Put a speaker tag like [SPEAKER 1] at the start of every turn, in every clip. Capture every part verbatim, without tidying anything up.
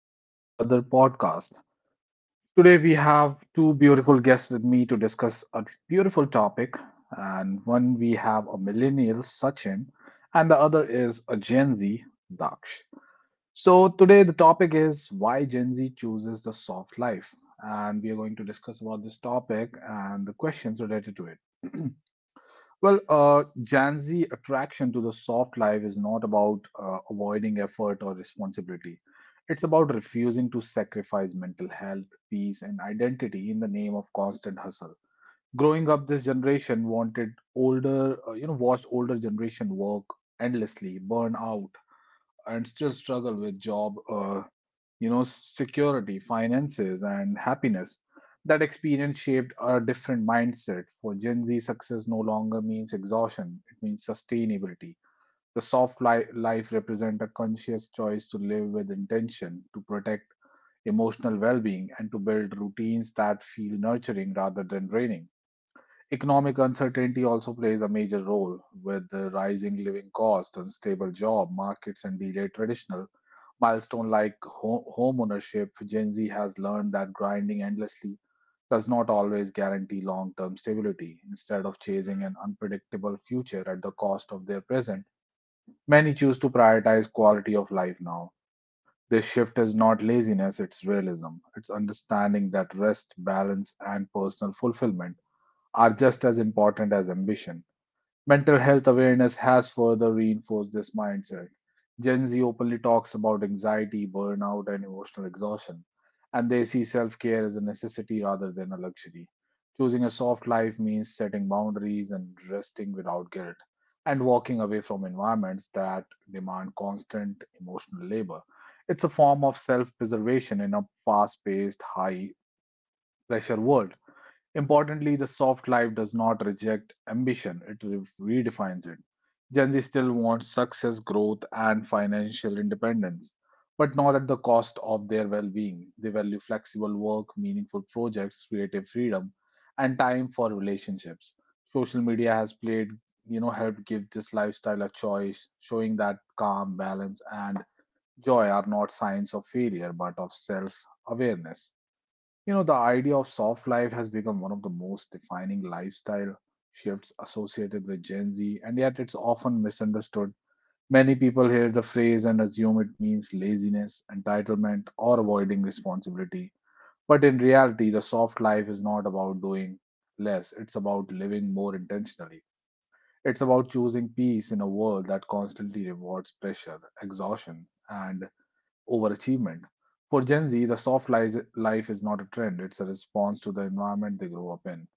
[SPEAKER 1] back to another podcast. Today, we have two beautiful guests with me to discuss a beautiful topic. And one, we have a millennial, Sachin, and the other is a Gen Z, Daksh. So, today, the topic is why Gen Z chooses the soft life. And we are going to discuss about this topic and the questions related to it. Well, uh, Gen Z attraction to the soft life is not about uh, avoiding effort or responsibility. It's about refusing to sacrifice mental health, peace, and identity in the name of constant hustle. Growing up, this generation wanted older, uh, you know, watched older generation work endlessly, burn out, and still struggle with job uh, you know, security, finances, and happiness. That experience shaped a different mindset. For Gen Z, success no longer means exhaustion, it means sustainability. The soft li- life represents a conscious choice to live with intention, to protect emotional well being, and to build routines that feel nurturing rather than draining. Economic uncertainty also plays a major role, with the rising living costs, unstable job markets, and delayed traditional milestone like ho- home ownership. Gen Z has learned that grinding endlessly does not always guarantee long-term stability. Instead of chasing an unpredictable future at the cost of their present, many choose to prioritize quality of life now. This shift is not laziness, it's realism. It's understanding that rest, balance, and personal fulfillment are just as important as ambition. Mental health awareness has further reinforced this mindset. Gen Z openly talks about anxiety, burnout, and emotional exhaustion, and they see self care as a necessity rather than a luxury. Choosing a soft life means setting boundaries and resting without guilt, and walking away from environments that demand constant emotional labor. It's a form of self preservation in a fast paced, high pressure world. Importantly, the soft life does not reject ambition, it re- redefines it. Gen Z still wants success, growth, and financial independence, but not at the cost of their well being. They value flexible work, meaningful projects, creative freedom, and time for relationships. Social media has played, you know, helped give this lifestyle a choice, showing that calm, balance, and joy are not signs of failure but of self awareness. You know, the idea of soft life has become one of the most defining lifestyle shifts associated with Gen Z, and yet it's often misunderstood. Many people hear the phrase and assume it means laziness, entitlement, or avoiding responsibility. But in reality, the soft life is not about doing less, it's about living more intentionally. It's about choosing peace in a world that constantly rewards pressure, exhaustion, and overachievement. For Gen Z, the soft li- life is not a trend, it's a response to the environment they grew up in.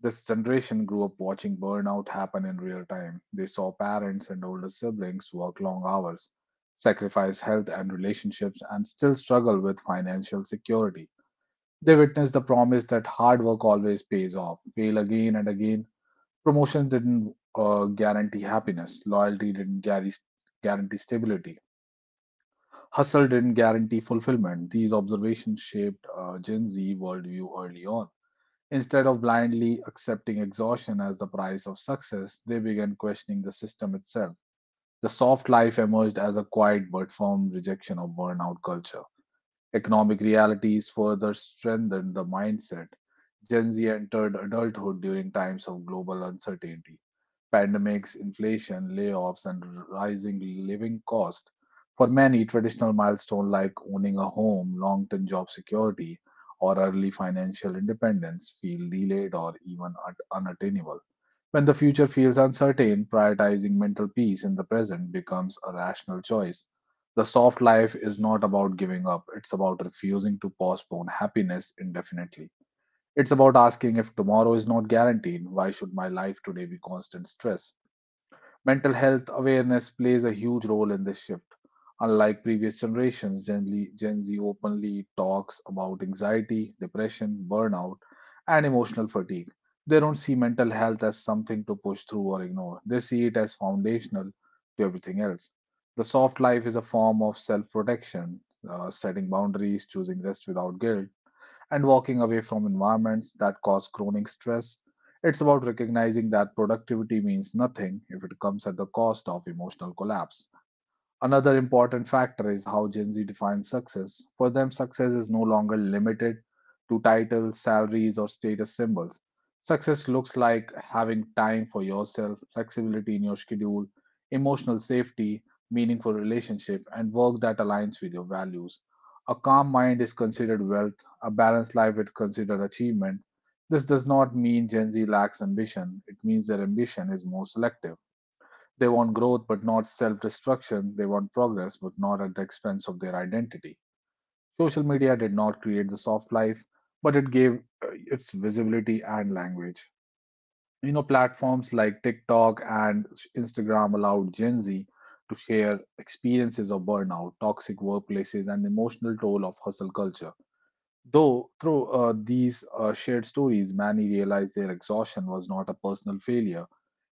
[SPEAKER 1] This generation grew up watching burnout happen in real time. They saw parents and older siblings work long hours, sacrifice health and relationships, and still struggle with financial security. They witnessed the promise that hard work always pays off, fail again and again. Promotions didn't uh, guarantee happiness, loyalty didn't guarantee guarantee stability. Hustle didn't guarantee fulfillment. These observations shaped uh, Gen Z worldview early on. Instead of blindly accepting exhaustion as the price of success, they began questioning the system itself. The soft life emerged as a quiet but firm rejection of burnout culture. Economic realities further strengthened the mindset. Gen Z entered adulthood during times of global uncertainty: pandemics, inflation, layoffs, and rising living costs. For many, traditional milestones like owning a home, long term job security, or early financial independence feel delayed or even un- unattainable. When the future feels uncertain, prioritizing mental peace in the present becomes a rational choice. The soft life is not about giving up, it's about refusing to postpone happiness indefinitely. It's about asking if tomorrow is not guaranteed, why should my life today be constant stress? Mental health awareness plays a huge role in this shift. Unlike previous generations, Gen Z, Gen Z openly talks about anxiety, depression, burnout, and emotional fatigue. They don't see mental health as something to push through or ignore, they see it as foundational to everything else. The soft life is a form of self protection, setting boundaries, choosing rest without guilt, and walking away from environments that cause chronic stress. It's about recognizing that productivity means nothing if it comes at the cost of emotional collapse. Another important factor is how Gen Z defines success. For them, success is no longer limited to titles, salaries, or status symbols. Success looks like having time for yourself, flexibility in your schedule, emotional safety, meaningful relationship, and work that aligns with your values. A calm mind is considered wealth, a balanced life is considered achievement. This does not mean Gen Z lacks ambition, it means their ambition is more selective. They want growth but not self destruction. They want progress but not at the expense of their identity. Social media did not create the soft life, but it gave uh, its visibility and language. You know, platforms like TikTok and Instagram allowed Gen Z to share experiences of burnout, toxic workplaces, and emotional toll of hustle culture. Though through uh, these uh, shared stories, many realized their exhaustion was not a personal failure,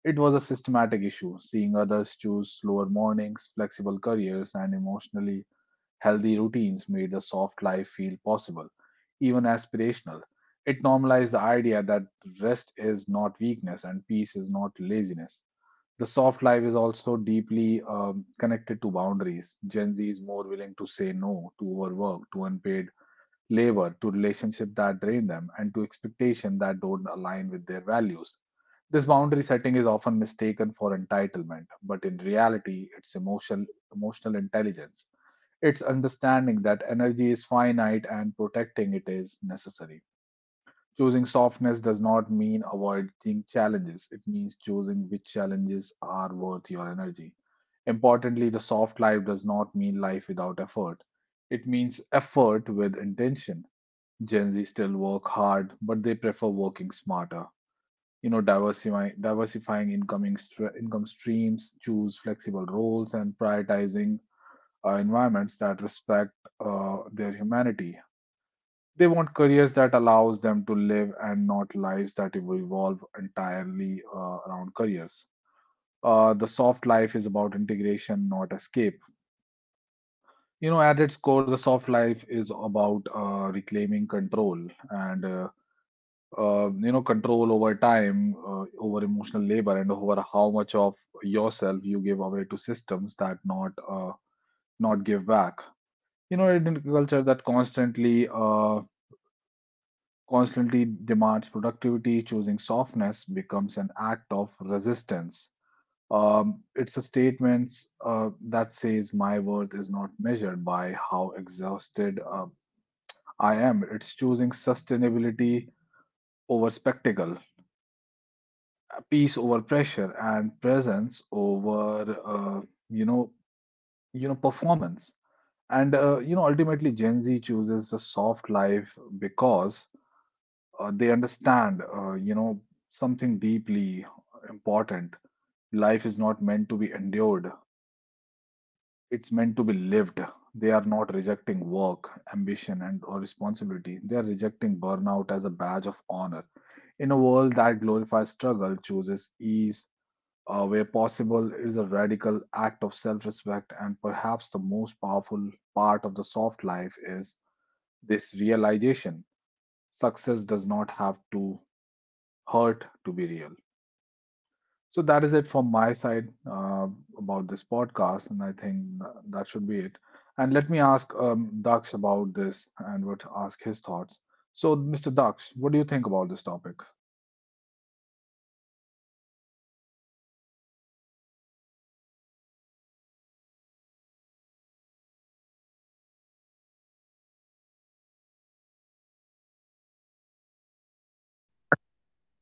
[SPEAKER 1] it was a systematic issue. Seeing others choose slower mornings, flexible careers, and emotionally healthy routines made a soft life feel possible, even aspirational. It normalized the idea that rest is not weakness and peace is not laziness. The soft life is also deeply um, connected to boundaries. Gen Z is more willing to say no to overwork, to unpaid labor, to relationships that drain them, and to expectations that don't align with their values. This boundary setting is often mistaken for entitlement, but in reality, it's emotional, emotional intelligence. It's understanding that energy is finite and protecting it is necessary. Choosing softness does not mean avoiding challenges, it means choosing which challenges are worth your energy. Importantly, the soft life does not mean life without effort, it means effort with intention. Gen Z still work hard, but they prefer working smarter. You know, diversifying diversifying incoming stre- income streams, choose flexible roles, and prioritizing uh, environments that respect uh, their humanity. They want careers that allows them to live and not lives that revolve entirely uh, around careers. Uh, the soft life is about integration, not escape. You know, at its core, the soft life is about uh, reclaiming control and uh, uh, you know control over time, uh, over emotional labor, and over how much of yourself you give away to systems that not uh, not give back. You know in a culture that constantly uh, constantly demands productivity, choosing softness becomes an act of resistance. Um, it's a statement uh, that says my worth is not measured by how exhausted uh, I am. It's choosing sustainability over spectacle, peace over pressure, and presence over uh, you know you know performance. And uh, you know ultimately, gen z chooses a soft life because uh, they understand uh, you know something deeply important. Life is not meant to be endured, it's meant to be lived. They are not rejecting work, ambition, and or responsibility, they are rejecting burnout as a badge of honor. In a world that glorifies struggle, chooses ease uh, where possible, it is a radical act of self respect. And perhaps the most powerful part of the soft life is this realization: success does not have to hurt to be real. So, that is it from my side uh, about this podcast. And I think that should be it. And let me ask um, Daksh about this and would ask his thoughts. So, Mister Daksh, what do you think about this topic?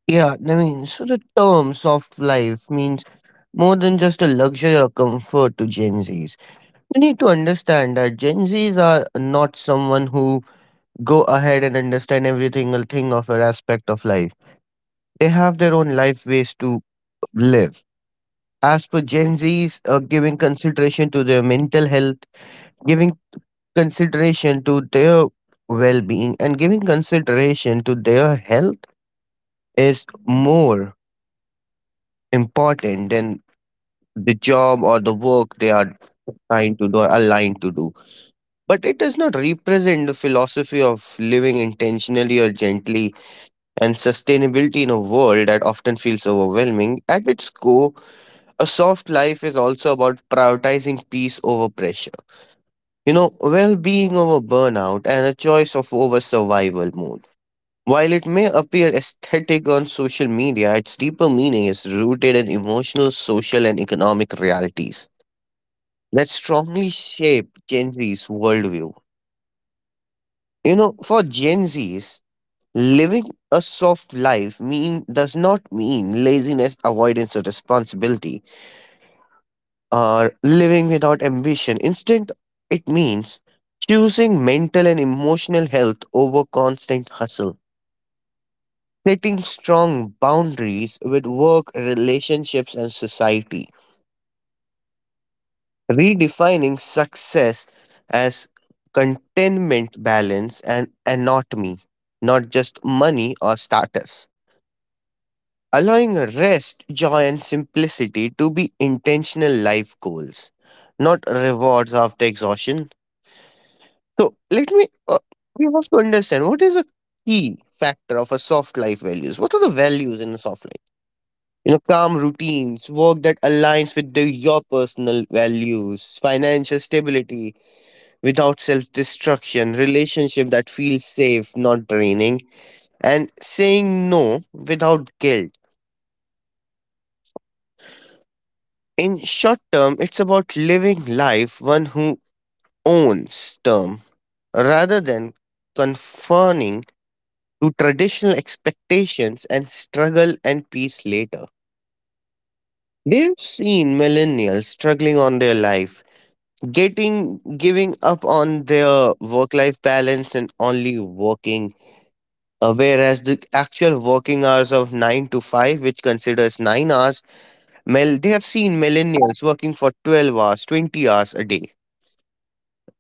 [SPEAKER 2] Yeah, I mean, so the term soft life means more than just a luxury or comfort to Gen Zs. You need to understand that Gen Zs are not someone who go ahead and understand every single thing of an aspect of life. They have their own life ways to live. As per Gen Zs, uh, giving consideration to their mental health, giving consideration to their well-being, and giving consideration to their health is more important than the job or the work they are trying to do or aligned to do. But it does not represent the philosophy of living intentionally or gently and sustainability in a world that often feels overwhelming. At its core, a soft life is also about prioritizing peace over pressure. You know, well being over burnout and a choice of over survival mode. While it may appear aesthetic on social media, its deeper meaning is rooted in emotional, social, and economic realities that strongly shape Gen Z's worldview. You know, for Gen Zs, living a soft life mean does not mean laziness, avoidance, or responsibility, or living without ambition. Instead, it means choosing mental and emotional health over constant hustle, setting strong boundaries with work, relationships, and society redefining success as contentment, balance, and anatomy, not just money or status. Allowing rest, joy, and simplicity to be intentional life goals, not rewards after exhaustion. So, let me, uh, we have to understand what is a key factor of a soft life values? What are the values in a soft life? You know, calm routines, work that aligns with the, your personal values, financial stability, without self destruction, relationship that feels safe, not draining, and saying no without guilt. In short term, it's about living life one who owns term rather than conforming to traditional expectations and struggle and peace later. They've seen millennials struggling on their life, getting giving up on their work life balance and only working. Uh, whereas the actual working hours of nine to five, which considers nine hours, mil- they have seen millennials working for twelve hours, twenty hours a day.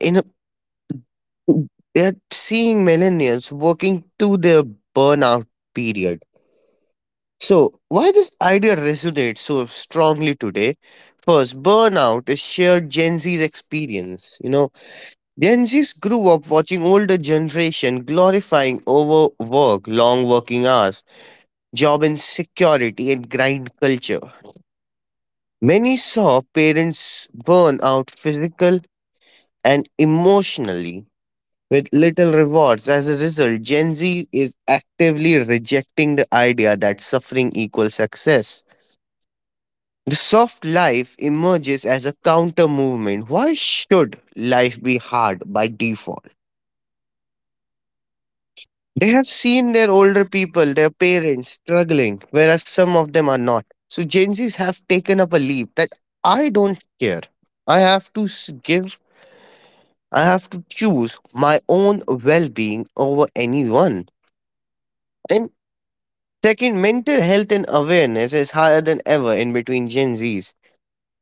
[SPEAKER 2] In a, they are seeing millennials working to their burnout period. So, why this idea resonates so strongly today? First, burnout is shared Gen Z's experience. You know, Gen Z's grew up watching older generation glorifying overwork, long working hours job insecurity, and grind culture. Many saw parents burn out physical and emotionally with little rewards. As a result, Gen Z is actively rejecting the idea that suffering equals success. The soft life emerges as a counter movement. Why should life be hard by default? They have seen their older people, their parents, struggling, whereas some of them are not. So Gen Zs have taken up a leap that I don't care. I have to s- give, I have to choose my own well being over anyone. And second, mental health and awareness is higher than ever in between Gen Zs.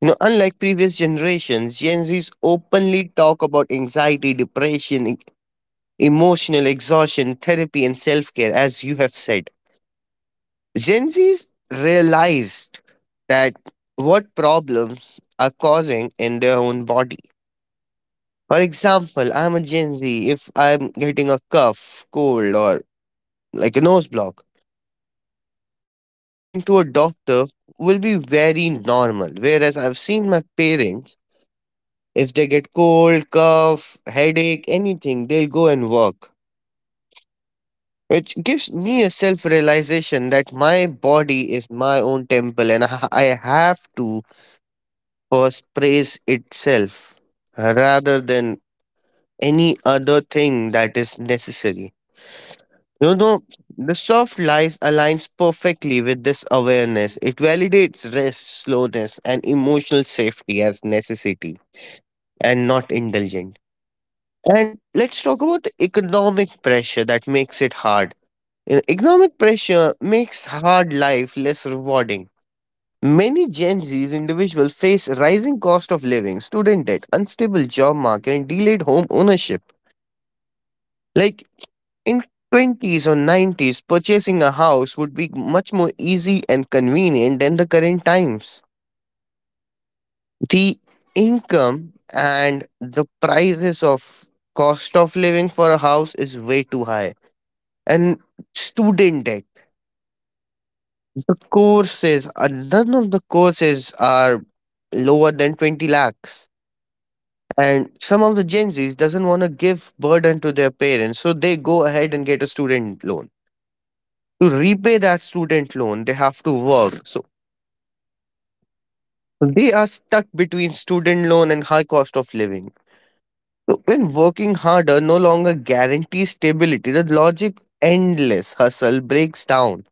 [SPEAKER 2] You know, unlike previous generations, Gen Zs openly talk about anxiety, depression, e- emotional exhaustion, therapy, and self care, as you have said Gen Zs realized that what problems are causing in their own body. For example, I'm a Gen Z. If I'm getting a cough, cold, or like a nose block, me going to a doctor will be very normal. Whereas I've seen my parents, if they get cold, cough, headache, anything, they'll go and work. Which gives me a self realization that my body is my own temple and I I have to was praise itself rather than any other thing that is necessary. You know, the soft lies aligns perfectly with this awareness. It validates rest, slowness, and emotional safety as necessity and not indulgent. And let's talk about the economic pressure that makes it hard. You know, economic pressure makes hard life less rewarding. Many Gen Z's individuals face rising cost of living, student debt, unstable job market, and delayed home ownership. Like in twenties or nineties, purchasing a house would be much more easy and convenient than the current times. The income and the prices of cost of living for a house is way too high. And student debt. The courses, uh, none of the courses are lower than twenty lakhs, and some of the gen z's doesn't want to give burden to their parents, so they go ahead and get a student loan. To repay that student loan they have to work, so they are stuck between student loan and high cost of living. So when working harder no longer guarantees stability, the logic endless hustle breaks down.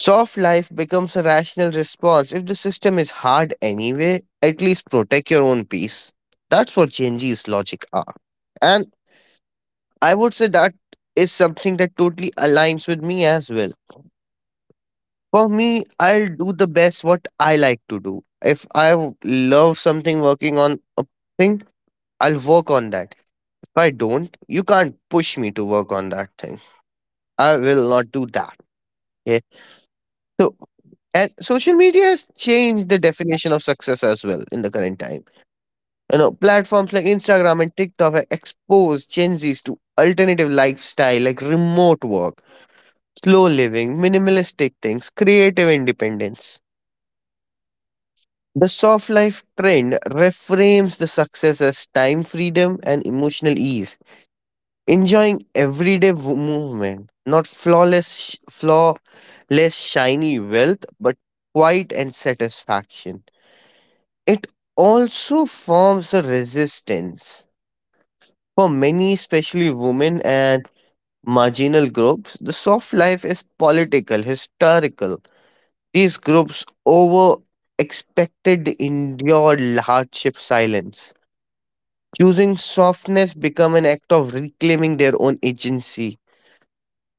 [SPEAKER 2] Soft life becomes a rational response. If the system is hard anyway, at least protect your own peace. That's what gen z's logic are. And I would say that is something that totally aligns with me as well. For me, I'll do the best what I like to do. If I w- love something working on a thing, I'll work on that. If I don't, you can't push me to work on that thing. I will not do that. Okay. So and social media has changed the definition of success as well in the current time. You know, platforms like Instagram and TikTok have exposed Gen Zs to alternative lifestyle like remote work, slow living, minimalistic things, creative independence. The soft life trend reframes the success as time freedom and emotional ease, enjoying everyday w- movement, not flawless, flawless shiny wealth, but quiet and satisfaction. It also forms a resistance for many, especially women and marginal groups. The soft life is political, historical. These groups over expected endure hardship silence. Choosing softness become an act of reclaiming their own agency.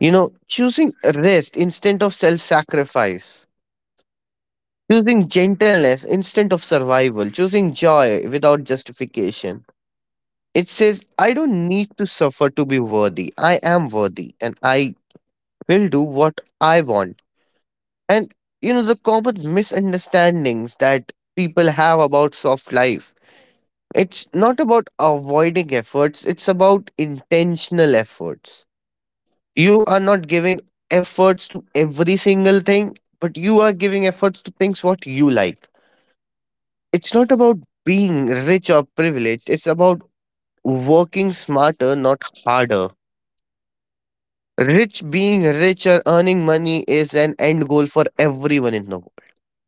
[SPEAKER 2] You know, choosing rest instead of self-sacrifice. Choosing gentleness instead of survival. Choosing joy without justification. It says, I don't need to suffer to be worthy. I am worthy and I will do what I want. And you know, the common misunderstandings that people have about soft life. It's not about avoiding efforts, it's about intentional efforts. You are not giving efforts to every single thing, but you are giving efforts to things what you like. It's not about being rich or privileged, it's about working smarter, not harder. Rich being rich or earning money is an end goal for everyone in the world.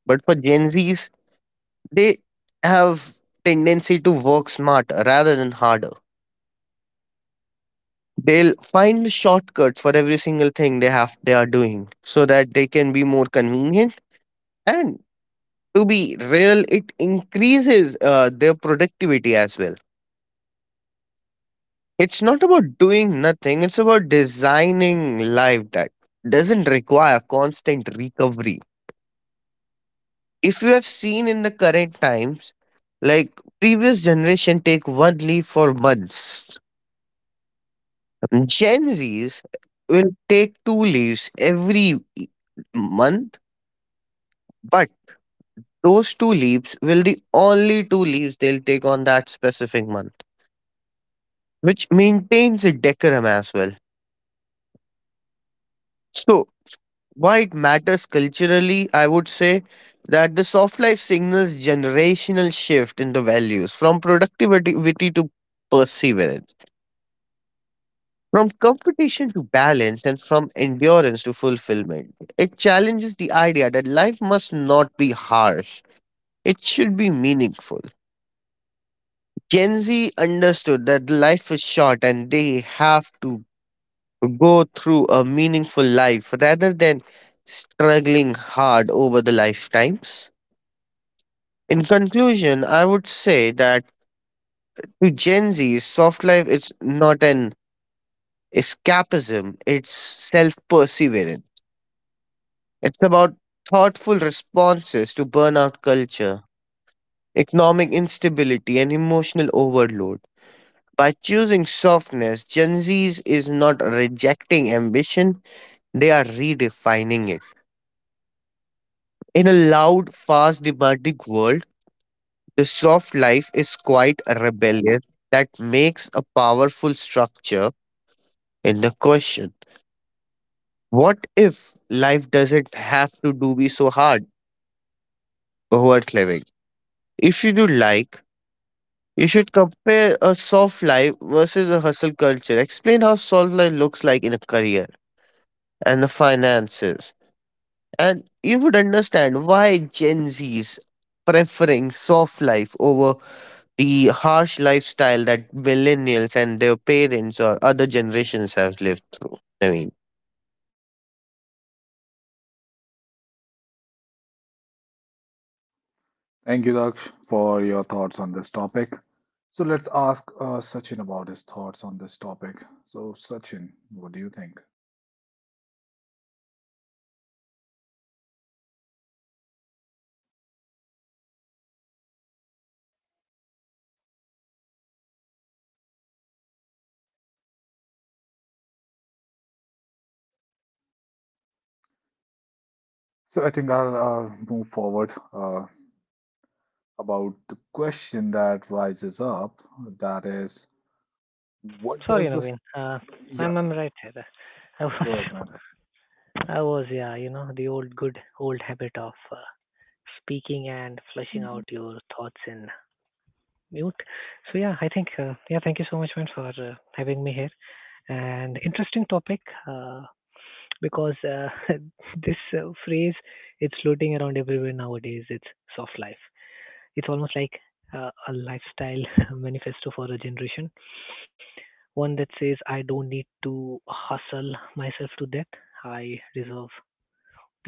[SPEAKER 2] But for Gen Zs, they have tendency to work smarter rather than harder. They'll find a shortcut for every single thing they have they are doing so that they can be more convenient. And to be real, it increases uh, their productivity as well. It's not about doing nothing, it's about designing life that doesn't require constant recovery. If you have seen in the current times, like previous generation take one leave for months, gen z's will take two leaves every e- month. But those two leaves will the only two leaves they'll take on that specific month, which maintains a decorum as well. So, why it matters culturally, I would say that the soft life signals generational shift in the values from productivity to perseverance, from competition to balance, and from endurance to fulfillment. It challenges the idea that life must not be harsh, it should be meaningful. Gen Z understood that life is short and they have to go through a meaningful life rather than struggling hard over the lifetimes. In conclusion, I would say that to Gen Z, soft life is not an escapism, it's self perseverance. It's about thoughtful responses to burnout culture, economic instability, and emotional overload. By choosing softness, Gen Zs is not rejecting ambition, they are redefining it. In a loud, fast, demanding world, the soft life is quite a rebellion that makes a powerful structure in the question. What if life doesn't have to do be so hard? Worth living. If you do like, you should compare a soft life versus a hustle culture. Explain how soft life looks like in a career and the finances. And you would understand why Gen Z's preferring soft life over the harsh lifestyle that millennials and their parents or other generations have lived through. I mean.
[SPEAKER 1] Thank you, Daksh, for your thoughts on this topic. So let's ask uh, Sachin about his thoughts on this topic. So, Sachin, what do you think? So, I think I'll uh, move forward uh, about the question that rises up. That is, what
[SPEAKER 3] Sorry,
[SPEAKER 1] does this?
[SPEAKER 3] Naveen. Uh,
[SPEAKER 1] Yeah,
[SPEAKER 3] I'm I'm right here. I was
[SPEAKER 1] go ahead, man.
[SPEAKER 3] I was yeah, you know, the old good old habit of uh, speaking and flushing out
[SPEAKER 1] Mhm.
[SPEAKER 3] your thoughts in mute. So yeah, I think uh, yeah, thank you so much, man, for uh, having me here. And interesting topic uh, because uh, this uh, phrase it's floating around everywhere nowadays. It's soft life. It's almost like uh, a lifestyle manifesto for a generation. One that says, I don't need to hustle myself to death. I deserve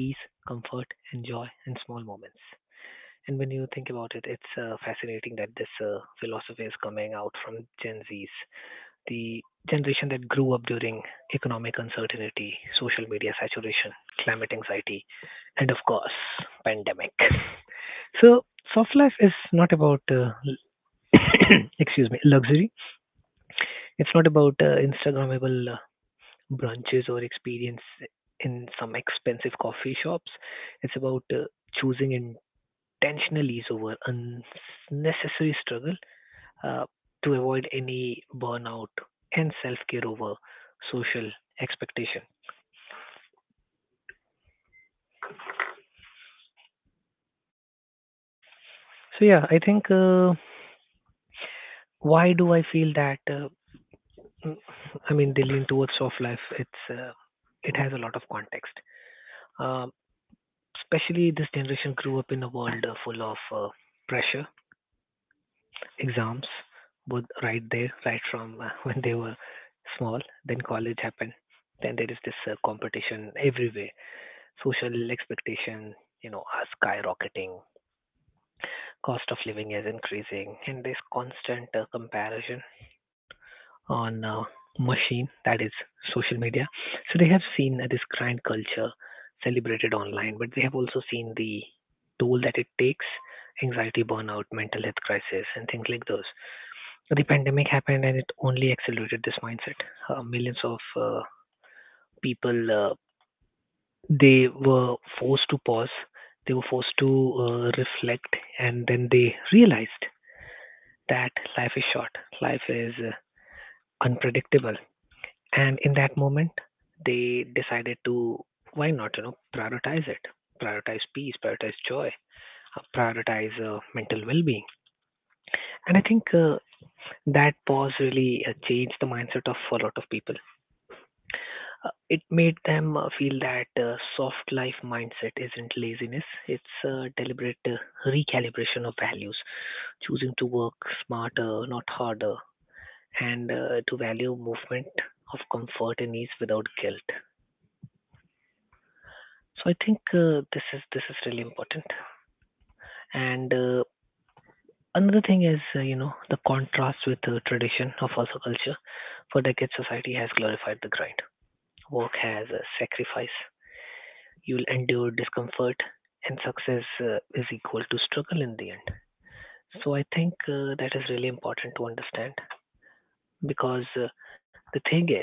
[SPEAKER 3] peace, comfort, and joy and small moments. And when you think about it, it's uh, fascinating that this uh, philosophy is coming out from Gen Zs, the generation that grew up during economic uncertainty, social media saturation, climate anxiety, and of course, pandemic. So, soft life is not about, uh, excuse me, luxury. It's not about uh, Instagrammable uh, brunches or experience in some expensive coffee shops. It's about uh, choosing intentional ease over unnecessary struggle uh, to avoid any burnout and self care over social expectation. So, yeah, I think uh, why do I feel that? Uh, mm, I mean, they lean towards soft life. It's uh, it has a lot of context. Um especially this generation grew up in a world uh, full of uh, pressure exams both right there, right from uh, when they were small. Then college happened. Then there is this uh, competition everywhere. Social expectation, you know, are skyrocketing. Cost of living is increasing, and there's constant uh, comparison on uh, machine that is social media. So they have seen uh, this grind culture celebrated online, but they have also seen the toll that it takes anxiety, burnout, mental health crisis, and things like those. The pandemic happened and it only accelerated this mindset. Uh, millions of uh, people uh, they were forced to pause, they were forced to uh, reflect, and then they realized that life is short, life is uh, unpredictable, and in that moment they decided to why not you know prioritize it, prioritize peace, prioritize joy, uh, prioritize uh, mental well-being, and I think uh, that pause really uh, changed the mindset of a lot of people. It made them uh, feel that uh, soft life mindset isn't laziness, it's a deliberate uh, recalibration of values, choosing to work smarter, not harder, and uh, to value movement of comfort and ease without guilt. So I think uh, this is this is really important. And uh, another thing is uh, you know the contrast with the tradition of hustle culture. For decades, society has glorified the grind. Work has a sacrifice, you'll endure discomfort, and success uh, is equal to struggle in the end. So I think uh, that is really important to understand because uh, the thing is,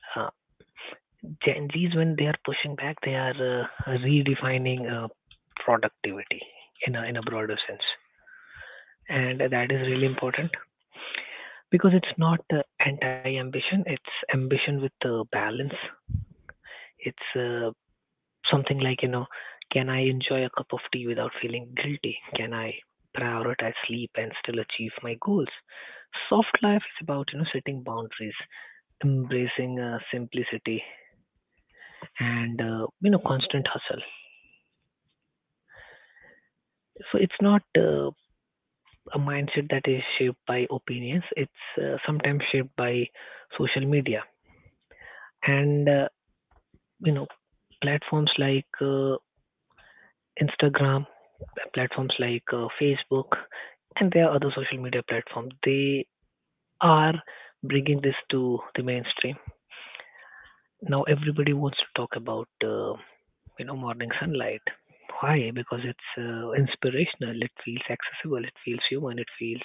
[SPEAKER 3] uh, Gen Zs when they are pushing back, they are uh, redefining uh, productivity in a in a broader sense, and that is really important because it's not uh, anti-ambition; it's ambition with uh, balance. It's uh, something like, you know, can I enjoy a cup of tea without feeling guilty? Can I prioritize sleep and still achieve my goals? Soft life is about, you know, setting boundaries, embracing uh, simplicity, and, uh, you know, constant hustle. So it's not uh, a mindset that is shaped by opinions, it's uh, sometimes shaped by social media. And, uh, you know, platforms like uh, Instagram, uh, platforms like uh, Facebook, and there are other social media platforms. They are bringing this to the mainstream. Now everybody wants to talk about uh, you know morning sunlight. Why? Because it's uh, inspirational. It feels accessible. It feels human. It feels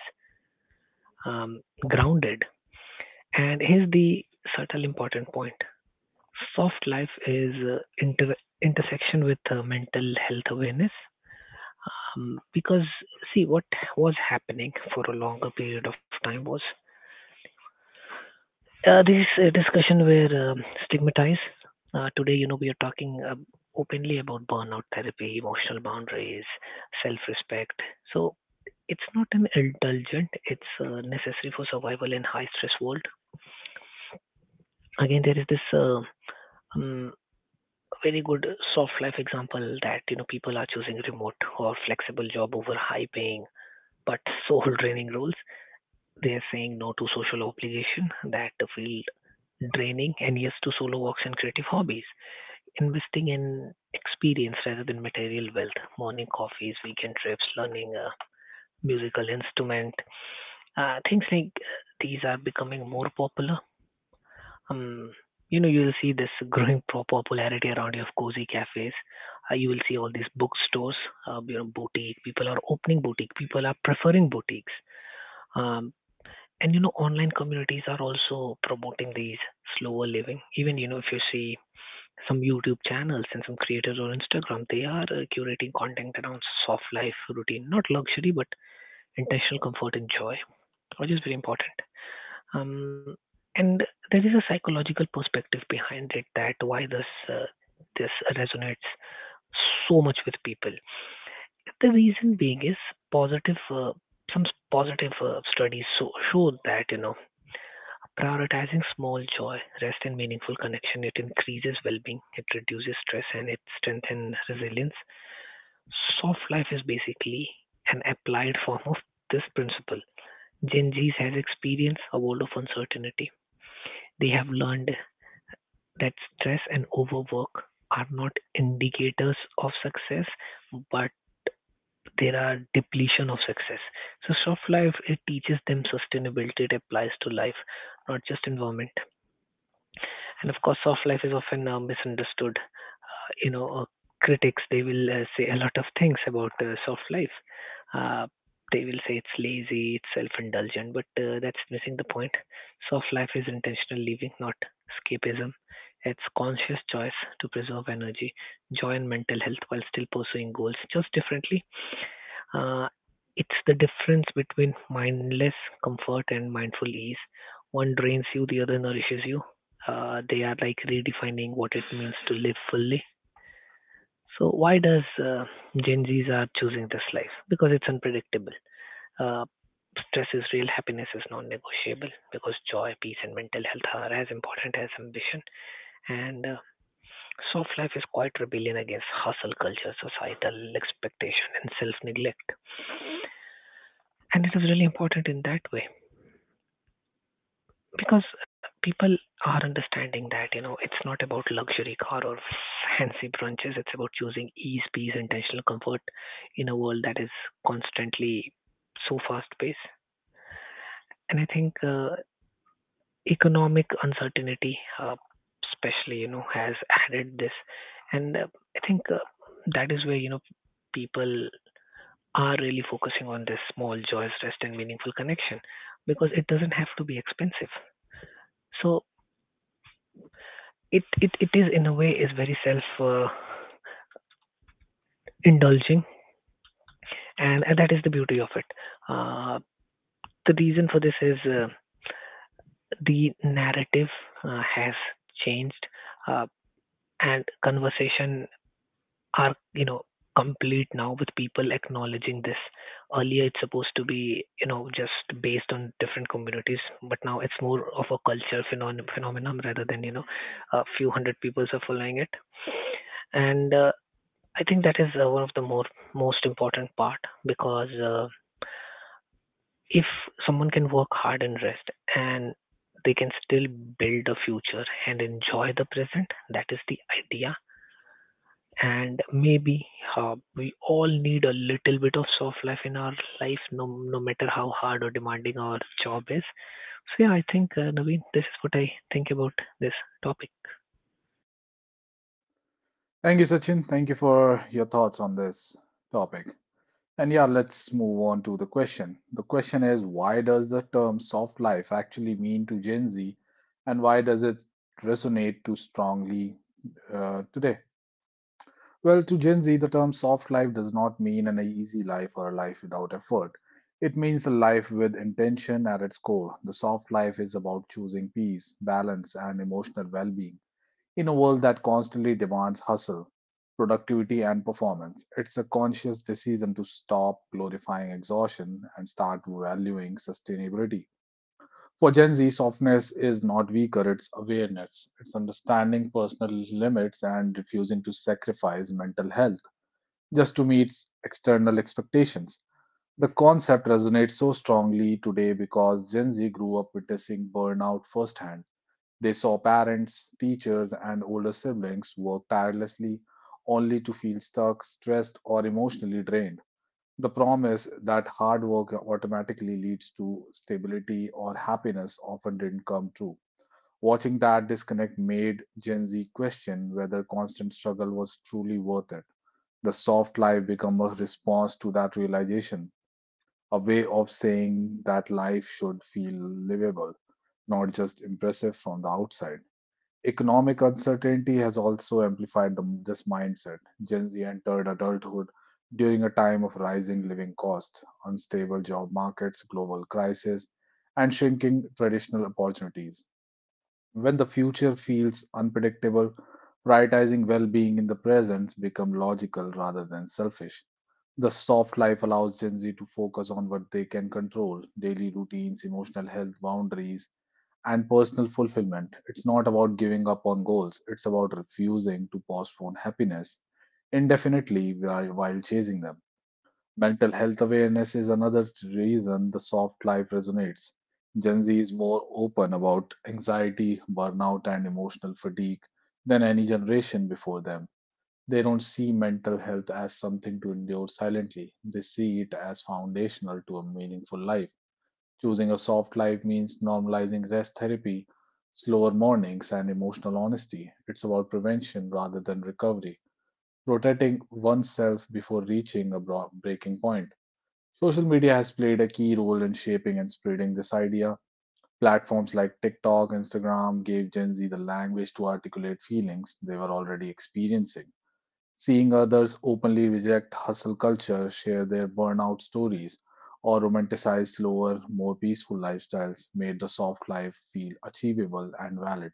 [SPEAKER 3] um, grounded. And here's the subtle important point: soft life is uh, inter- intersection with uh, mental health awareness. Um, because see what was happening for a longer period of time was uh, these uh, discussion were um, stigmatized. Uh, today, you know, we are talking uh, openly about burnout therapy, emotional boundaries, self-respect. So it's not an indulgent; it's uh, necessary for survival in high-stress world. Again, there is this uh, um, very good soft life example that you know people are choosing remote or flexible job over high-paying but soul-draining roles. They're saying no to social obligation that feel draining and yes to solo walks and creative hobbies. Investing in experience rather than material wealth. Morning coffees, weekend trips, learning a musical instrument. Uh, things like these are becoming more popular. Um, you know, you'll see this growing pro- popularity around your cozy cafes. Uh, you will see all these bookstores, uh, you know, boutique. People are opening boutique. People are preferring boutiques. Um, and you know online communities are also promoting these slower living, even you know if you see some YouTube channels and some creators on Instagram, they are uh, curating content around soft life routine, not luxury but intentional comfort and joy, which is very important. um, and there is a psychological perspective behind it, that why this uh, this resonates so much with people. The reason being is positive uh, some s- positive uh, studies so, show that you know prioritizing small joy, rest, and meaningful connection, it increases well-being, it reduces stress, and it strengthens resilience. Soft life is basically an applied form of this principle. Gen Zs has experienced a world of uncertainty. They have learned that stress and overwork are not indicators of success, but there are depletion of success. So soft life it teaches them sustainability. It applies to life, not just environment. And of course, soft life is often uh, misunderstood. Uh, you know, uh, critics they will uh, say a lot of things about uh, soft life. Uh, they will say it's lazy, it's self-indulgent, but uh, that's missing the point. Soft life is intentional living, not escapism. It's conscious choice to preserve energy, joy, and mental health while still pursuing goals, just differently. Uh, it's the difference between mindless comfort and mindful ease. One drains you, the other nourishes you. Uh, they are like redefining what it means to live fully. So why does uh, Gen Zs are choosing this life? Because it's unpredictable. Uh, stress is real, happiness is non-negotiable. Because joy, peace, and mental health are as important as ambition. And uh, soft life is quite rebellion against hustle culture, societal expectation, and self-neglect. And it is really important in that way, because people are understanding that you know it's not about luxury car or fancy brunches, it's about choosing ease, peace, intentional comfort in a world that is constantly so fast paced. And I think uh, economic uncertainty uh, especially you know has added this, and uh, I think uh, that is where you know people are really focusing on this small joys, rest and meaningful connection, because it doesn't have to be expensive. So it it, it is in a way is very self uh, indulging, and, and that is the beauty of it. uh, the reason for this is uh, the narrative uh, has changed, uh, and conversation are you know complete now with people acknowledging this. Earlier it's supposed to be you know just based on different communities, but now it's more of a culture phenon- phenomenon rather than you know a few hundred people are following it. And uh, I think that is uh, one of the more most important part, because uh, if someone can work hard and rest and they can still build a future and enjoy the present, that is the idea. And maybe uh, we all need a little bit of soft life in our life, no, no matter how hard or demanding our job is. So yeah, I think uh, Naveen, this is what I think about this topic.
[SPEAKER 1] Thank you, Sachin. Thank you for your thoughts on this topic. And yeah, let's move on to the question. The question is why does the term soft life actually mean to Gen Z and why does it resonate too strongly uh, today? Well, to Gen Z, the term soft life does not mean an easy life or a life without effort. It means a life with intention at its core. The soft life is about choosing peace, balance, and emotional well being in a world that constantly demands hustle, productivity, and performance, it's a conscious decision to stop glorifying exhaustion and start valuing sustainability. For Gen Z, softness is not weaker, it's awareness. It's understanding personal limits and refusing to sacrifice mental health just to meet external expectations. The concept resonates so strongly today because Gen Z grew up witnessing burnout firsthand. They saw parents, teachers, and older siblings work tirelessly only to feel stuck, stressed, or emotionally drained. The promise that hard work automatically leads to stability or happiness often didn't come true. Watching that disconnect made Gen Z question whether constant struggle was truly worth it. The soft life became a response to that realization, a way of saying that life should feel livable, not just impressive from the outside. Economic uncertainty has also amplified the, this mindset. Gen Z entered adulthood during a time of rising living costs, unstable job markets, global crisis, and shrinking traditional opportunities. When the future feels unpredictable, prioritizing well being in the present becomes logical rather than selfish. The soft life allows Gen Z to focus on what they can control: daily routines, emotional health, boundaries, and personal fulfillment. It's not about giving up on goals, it's about refusing to postpone happiness indefinitely while while chasing them. Mental health awareness is another reason the soft life resonates. Gen Z is more open about anxiety, burnout, and emotional fatigue than any generation before them. They don't see mental health as something to endure silently, they see it as foundational to a meaningful life. Choosing a soft life means normalizing rest, therapy, slower mornings, and emotional honesty. It's about prevention rather than recovery, protecting oneself before reaching a bro- breaking point. Social media has played a key role in shaping and spreading this idea. Platforms like TikTok, Instagram gave Gen Z the language to articulate feelings they were already experiencing. Seeing others openly reject hustle culture, share their burnout stories, or romanticize slower, more peaceful lifestyles made the soft life feel achievable and valid.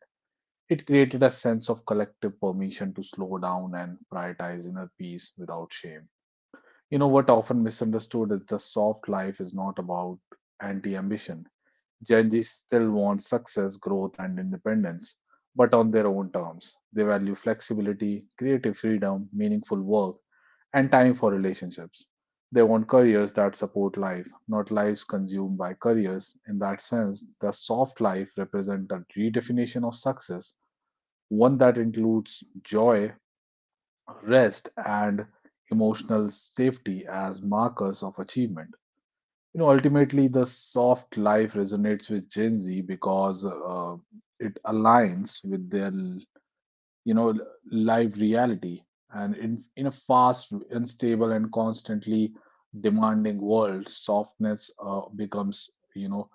[SPEAKER 1] It created a sense of collective permission to slow down and prioritize inner peace without shame. You know what often misunderstood is the soft life is not about anti-ambition. Gen Z still wants success, growth, and independence, but on their own terms. They value flexibility, creative freedom, meaningful work, and time for relationships. They want careers that support life, not lives consumed by careers. In that sense, the soft life represents a redefinition of success, one that includes joy, rest, and emotional safety as markers of achievement. You know, ultimately, the soft life resonates with Gen Z because uh, it aligns with their you know live reality, and in, in a fast, unstable, and constantly demanding world, softness uh, becomes, you know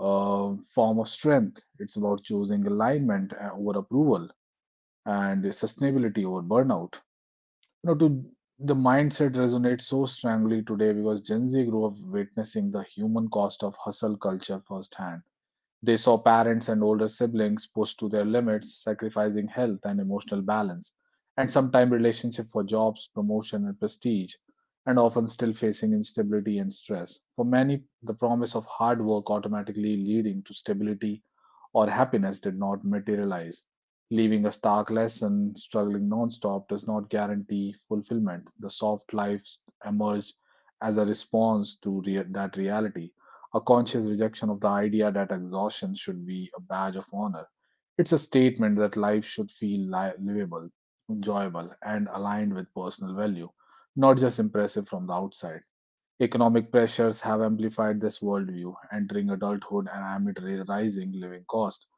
[SPEAKER 1] a form of strength. It's about choosing alignment uh, over approval and sustainability over burnout. You know to the mindset resonates so strongly today because Gen Z grew up witnessing the human cost of hustle culture firsthand. They saw parents and older siblings pushed to their limits, sacrificing health and emotional balance, and sometimes relationship for jobs, promotion, and prestige, and often still facing instability and stress. For many, the promise of hard work automatically leading to stability or happiness did not materialize, leaving a stark lesson: struggling nonstop does not guarantee fulfillment. The soft lives emerge as a response to rea- that reality, a conscious rejection of the idea that exhaustion should be a badge of honor. It's a statement that life should feel li- livable, enjoyable, and aligned with personal value, not just impressive from the outside. Economic pressures have amplified this worldview. Entering adulthood and amid ra- rising living costs,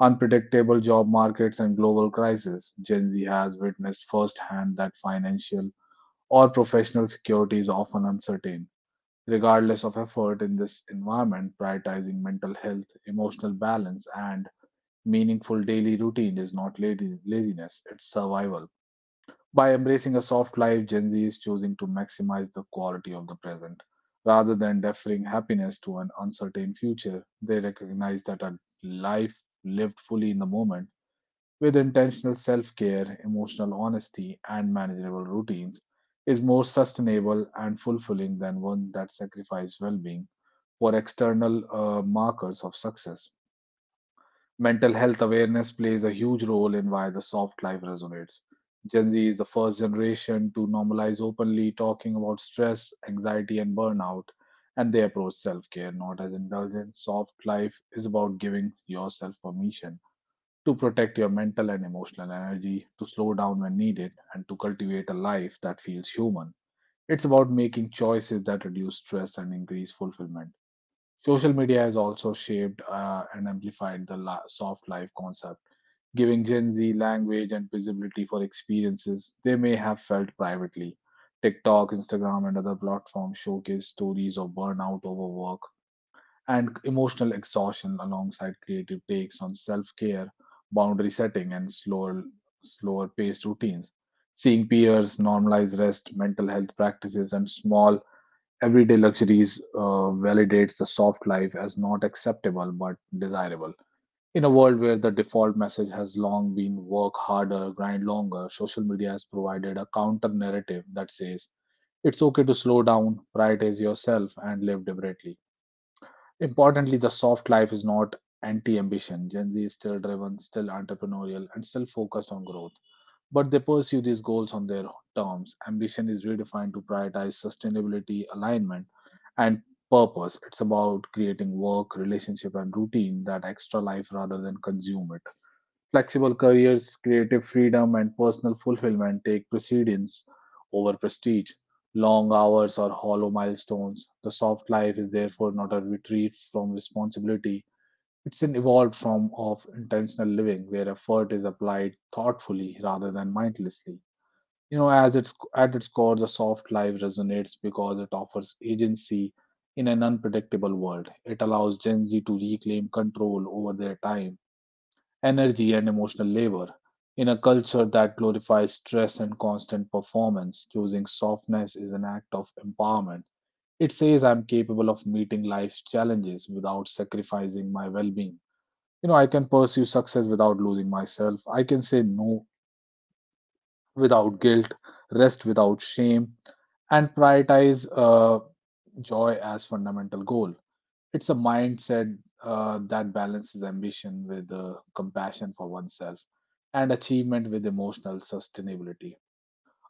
[SPEAKER 1] unpredictable job markets, and global crisis, Gen Z has witnessed firsthand that financial or professional security is often uncertain regardless of effort. In this environment, prioritizing mental health, emotional balance, and meaningful daily routine is not ladi- laziness, it's survival. By embracing a soft life, Gen Z is choosing to maximize the quality of the present. Rather than deferring happiness to an uncertain future, they recognize that a life lived fully in the moment with intentional self care, emotional honesty, and manageable routines is more sustainable and fulfilling than one that sacrifices well being for external uh, markers of success. Mental health awareness plays a huge role in why the soft life resonates. Gen Z is the first generation to normalize openly talking about stress, anxiety, and burnout, and they approach self care not as indulgence. Soft life is about giving yourself permission to protect your mental and emotional energy, to slow down when needed, and to cultivate a life that feels human. It's about making choices that reduce stress and increase fulfillment. Social media has also shaped uh, and amplified the la- soft life concept, giving Gen Z language and visibility for experiences they may have felt privately. TikTok, Instagram, and other platforms showcase stories of burnout, overwork, and emotional exhaustion alongside creative takes on self care, boundary setting, and slower, slower paced routines. Seeing peers normalize rest, mental health practices, and small everyday luxuries uh, validates the soft life as not acceptable but desirable. In a world where the default message has long been work harder, grind longer, social media has provided a counter narrative that says it's okay to slow down, prioritize yourself, and live deliberately. Importantly, the soft life is not anti ambition. Gen Z is still driven, still entrepreneurial, and still focused on growth, but they pursue these goals on their terms. Ambition is redefined to prioritize sustainability, alignment, and purpose. It's about creating work, relationship, and routine that extra life rather than consume it. Flexible careers, creative freedom, and personal fulfillment take precedence over prestige, long hours, or hollow milestones. The soft life is therefore not a retreat from responsibility. It's an evolved form of intentional living where effort is applied thoughtfully rather than mindlessly. You know, as it's at its core, the soft life resonates because it offers agency in an unpredictable world. It allows Gen Z to reclaim control over their time, energy, and emotional labor. In a culture that glorifies stress and constant performance, choosing softness is an act of empowerment. It says I'm capable of meeting life's challenges without sacrificing my well being. You know, I can pursue success without losing myself. I can say no without guilt, rest without shame, and prioritize uh, joy as fundamental goal. It's a mindset uh, that balances ambition with uh, compassion for oneself, and achievement with emotional sustainability.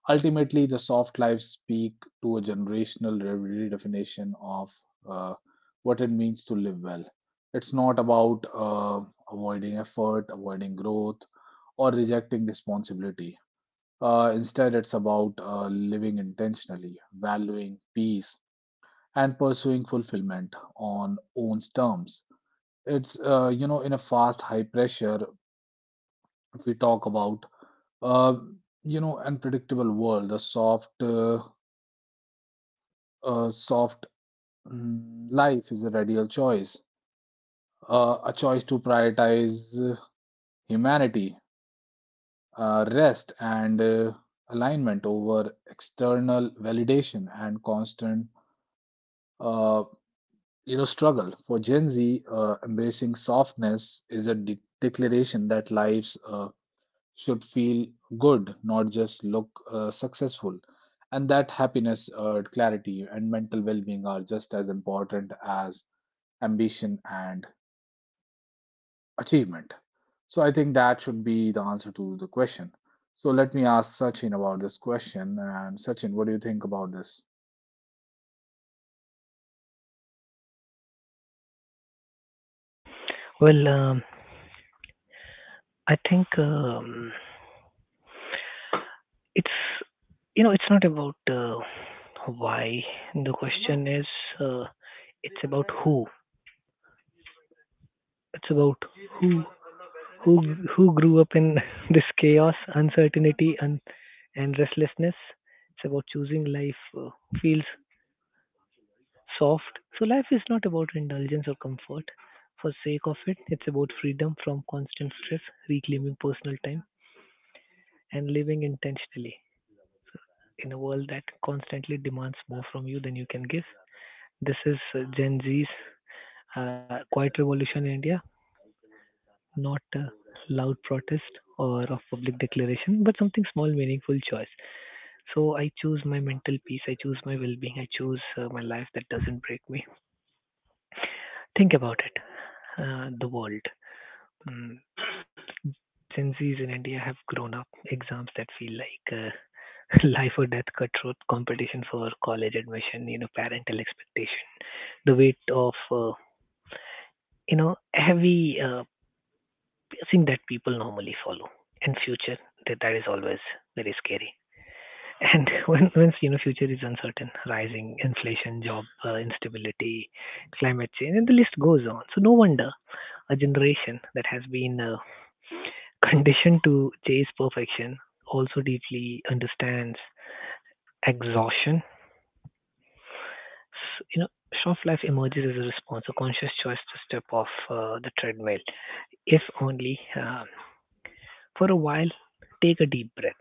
[SPEAKER 1] Ultimately, the soft lives speak to a generational re- redefinition of uh, what it means to live well. It's not about uh, avoiding effort, avoiding growth, or rejecting responsibility. Uh, instead, it's about uh, living intentionally, valuing peace, and pursuing fulfillment on own terms. It's uh, you know in a fast, high pressure. If we talk about uh, you know unpredictable world, the soft, uh, uh, soft mm, life is a radical choice, uh, a choice to prioritize uh, humanity, uh, rest, and uh, alignment over external validation and constant uh, you know struggle. For Gen Z, uh, embracing softness is a de- declaration that lives uh, should feel good, not just look uh, successful, and that happiness, uh, clarity, and mental well-being are just as important as ambition and achievement. So I think that should be the answer to the question. So let me ask Sachin about this question. And Sachin, what do you think about this?
[SPEAKER 3] Well, um, I think um, it's you know it's not about uh, why the question is uh, it's about who, it's about who who grew up in this chaos, uncertainty and and restlessness. It's about choosing life uh, feels soft. So life is not about indulgence or comfort for sake of it, it's about freedom from constant stress, reclaiming personal time, and living intentionally in a world that constantly demands more from you than you can give. This is uh, Gen Z's uh, quiet revolution in India, not uh, loud protest or of public declaration, but something small, meaningful choice. So I choose my mental peace, I choose my well being, I choose uh, my life that doesn't break me. Think about it, uh, the world. Mm. Gen Z's in India have grown up exams that feel like uh, life or death, cutthroat competition for college admission, you know, parental expectation, the weight of, uh, you know, heavy uh, guessing that people normally follow. And future, that, that is always very scary. And when, once you know future is uncertain, rising inflation, job uh, instability, climate change, and the list goes on. So no wonder a generation that has been uh, conditioned to chase perfection also deeply understands exhaustion. S- You know, shelf life emerges as a response, a conscious choice to step off uh, the treadmill, if only uh, for a while, take a deep breath.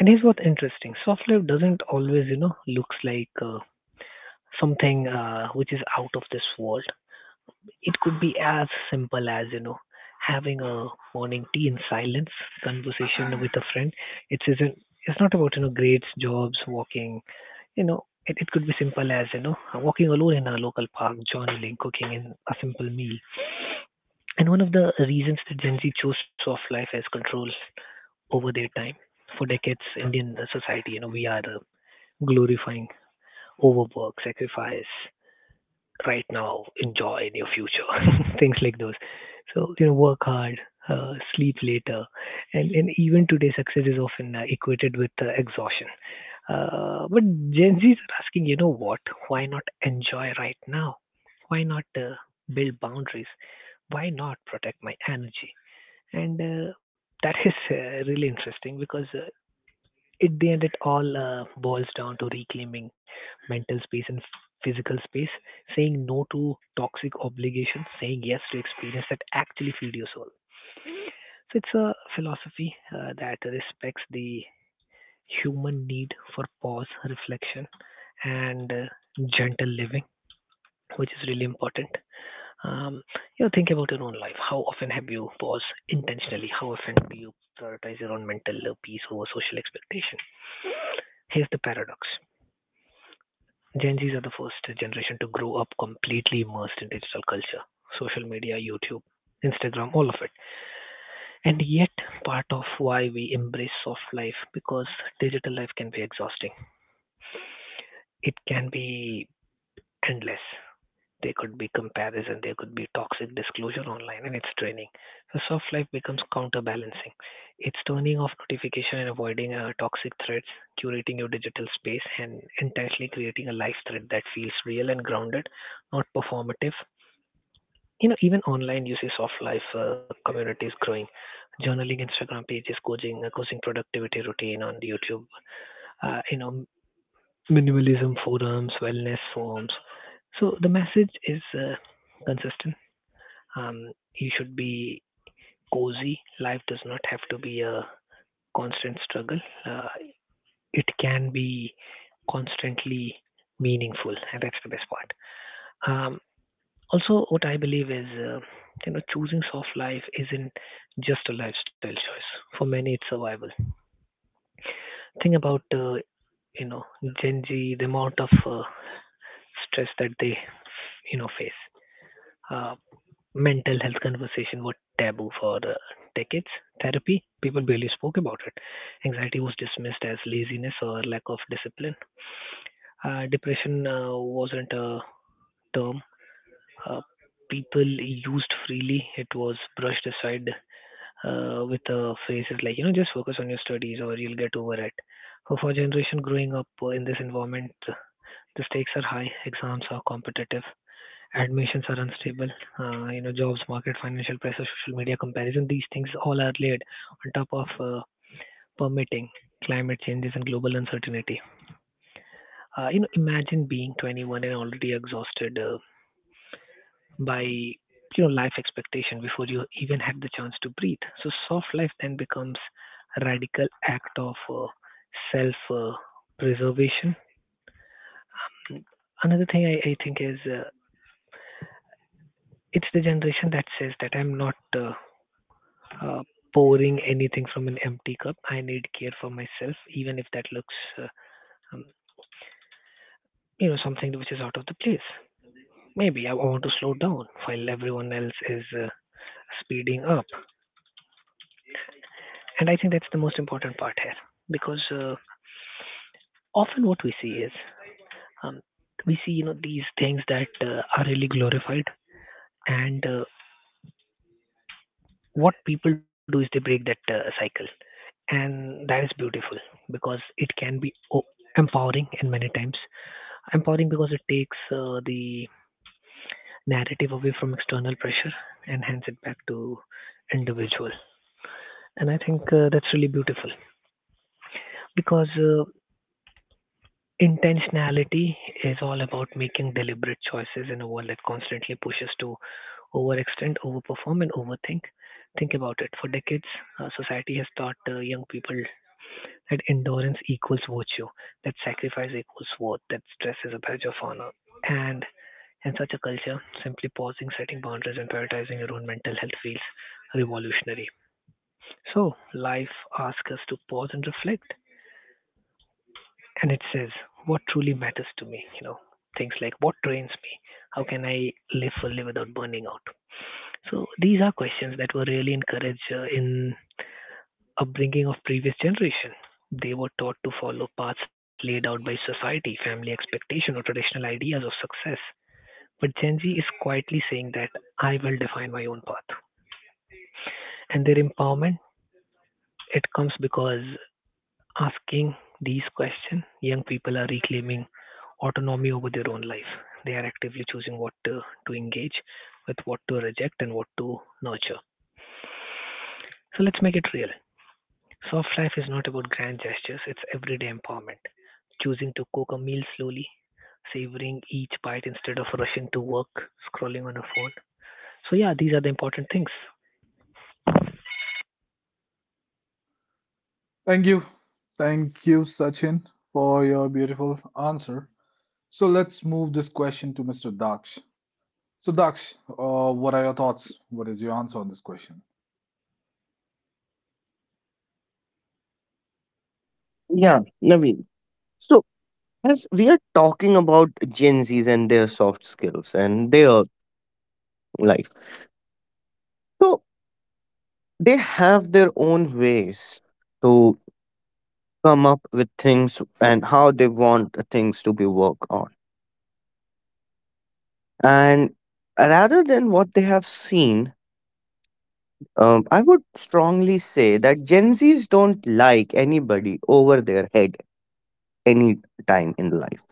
[SPEAKER 3] And here's what's interesting: soft life doesn't always, you know, looks like uh, something uh, which is out of this world. It could be as simple as, you know, having a morning tea in silence, conversation with a friend. It's isn't. It's not about, you know, grades, jobs, walking. You know, it, it could be simple as, you know, walking alone in a local park, journaling, cooking, and a simple meal. And one of the reasons that Gen Z chose soft life as control over their time. For decades, Indian society, you know, we are uh, glorifying overwork, sacrifice, right now, enjoy in your future, things like those. So, you know, work hard, uh, sleep later. And, and even today, success is often uh, equated with uh, exhaustion. Uh, but Gen Zs are asking, you know what? Why not enjoy right now? Why not uh, build boundaries? Why not protect my energy? And uh, that is uh, really interesting because, uh, at the end, it all uh, boils down to reclaiming mental space and physical space, saying no to toxic obligations, saying yes to experience that actually feed your soul. So it's a philosophy uh, that respects the human need for pause, reflection, and uh, gentle living, which is really important. Um, you know, think about your own life. How often have you paused intentionally? How often do you prioritize your own mental uh, peace over social expectation? Here's the paradox: Gen Zs are the first generation to grow up completely immersed in digital culture, social media, YouTube, Instagram, all of it. And yet, part of why we embrace soft life because digital life can be exhausting. It can be endless. There could be comparison, there could be toxic disclosure online, and it's draining. So soft life becomes counterbalancing. It's turning off notification and avoiding uh, toxic threads, curating your digital space, and intentionally creating a life thread that feels real and grounded, not performative. You know, even online, you see soft life uh, communities growing. Journaling Instagram pages, coaching, uh, coaching productivity routine on YouTube. Uh, you know, minimalism forums, wellness forums. So the message is uh, consistent. Um, you should be cozy. Life does not have to be a constant struggle. Uh, it can be constantly meaningful, and that's the best part. Um, Also, what I believe is, uh, you know, choosing soft life isn't just a lifestyle choice. For many, it's survival. Think about, uh, you know, Gen Z, the amount of uh, stress that they, you know, face. Uh, Mental health conversation were taboo for uh, decades. Therapy, people barely spoke about it. Anxiety was dismissed as laziness or lack of discipline. Uh, depression uh, wasn't a term uh, people used freely, it was brushed aside uh, with uh, phrases like, you know, just focus on your studies or you'll get over it. For, for generation growing up uh, in this environment, uh, the stakes are high, exams are competitive, admissions are unstable, uh, you know, jobs market, financial pressure, social media comparison, these things all are laid on top of uh, permitting climate changes and global uncertainty. Uh, you know, imagine being twenty-one and already exhausted uh, by, you know, life expectation before you even had the chance to breathe. So soft life then becomes a radical act of uh, self uh, preservation. Another thing I, I think is, uh, it's the generation that says that I'm not uh, uh, pouring anything from an empty cup. I need care for myself, even if that looks, uh, um, you know, something which is out of the place. Maybe I want to slow down while everyone else is uh, speeding up. And I think that's the most important part here, because uh, often what we see is, um, we see, you know, these things that uh, are really glorified, and uh, what people do is they break that uh, cycle, and that is beautiful because it can be o- empowering in many times. Empowering because it takes uh, the narrative away from external pressure and hands it back to individual. And I think uh, that's really beautiful because uh, intentionality is all about making deliberate choices in a world that constantly pushes to overextend, overperform, and overthink. Think about it. For decades, uh, society has taught uh, young people that endurance equals virtue, that sacrifice equals worth, that stress is a badge of honor. And in such a culture, simply pausing, setting boundaries, and prioritizing your own mental health feels revolutionary. So, life asks us to pause and reflect, and it says, what truly matters to me? You know, things like, what drains me? How can I live fully without burning out? So, these are questions that were really encouraged uh, in upbringing of previous generation. They were taught to follow paths laid out by society, family expectation, or traditional ideas of success. But Gen Z is quietly saying that I will define my own path. And their empowerment, it comes because asking these questions, young people are reclaiming autonomy over their own life. They are actively choosing what to, to engage with, what to reject, and what to nurture. So let's make it real. Soft life is not about grand gestures, it's everyday empowerment. Choosing to cook a meal slowly, savoring each bite instead of rushing to work, scrolling on a phone. So, yeah, these are the important things.
[SPEAKER 1] Thank you. Thank you, Sachin, for your beautiful answer. So let's move this question to mister Daksh. So, Daksh, uh, what are your thoughts? What is your answer on this question?
[SPEAKER 2] Yeah, Naveen. So, as we are talking about Gen Zs and their soft skills and their life, so they have their own ways to come up with things and how they want the things to be worked on. And rather than what they have seen, um, I would strongly say that Gen Zs don't like anybody over their head any time in life.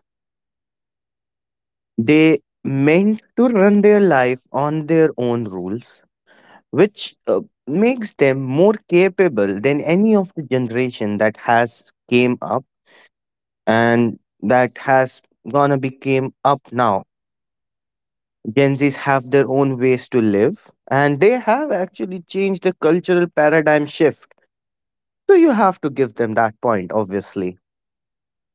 [SPEAKER 2] They meant to run their life on their own rules which uh, makes them more capable than any of the generation that has came up and that has gonna became up now. Gen Z's have their own ways to live, and they have actually changed the cultural paradigm shift, so you have to give them that point obviously.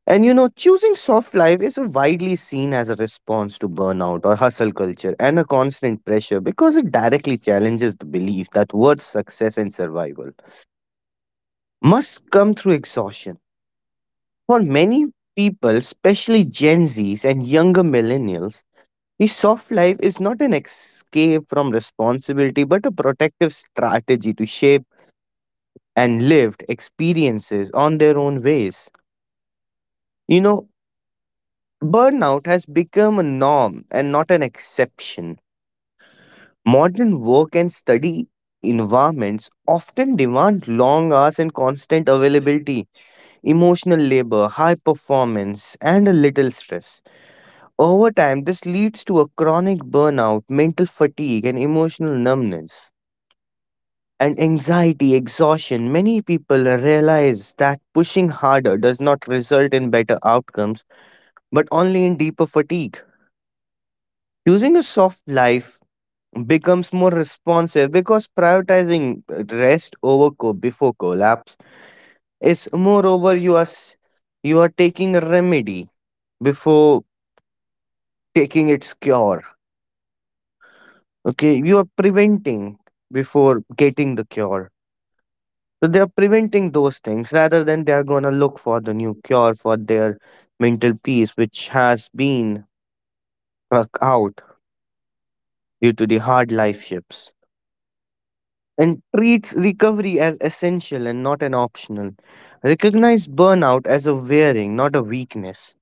[SPEAKER 2] And you know choosing soft life is widely seen as a response to burnout or hustle culture and a constant pressure, because it directly challenges the belief that worth, success and survival must come through exhaustion. For many people, especially Gen Zs and younger millennials, the soft life is not an escape from responsibility but a protective strategy to shape and lived experiences on their own ways. You know, burnout has become a norm and not an exception. Modern work and study environments often demand long hours and constant availability, emotional labor, high performance, and a little stress. Over time, this leads to a chronic burnout, mental fatigue, and emotional numbness. And anxiety, exhaustion. Many people realize that pushing harder does not result in better outcomes, but only in deeper fatigue. Choosing a soft life becomes more responsive because prioritizing rest over co- before collapse is moreover, you are s- you are taking a remedy before taking its cure. Okay, you are preventing before getting the cure. So they are preventing those things rather than they are going to look for the new cure for their mental peace, which has been struck out due to the hard life shifts, and treats recovery as essential and not an optional. Recognize burnout as a wearing, not a weakness.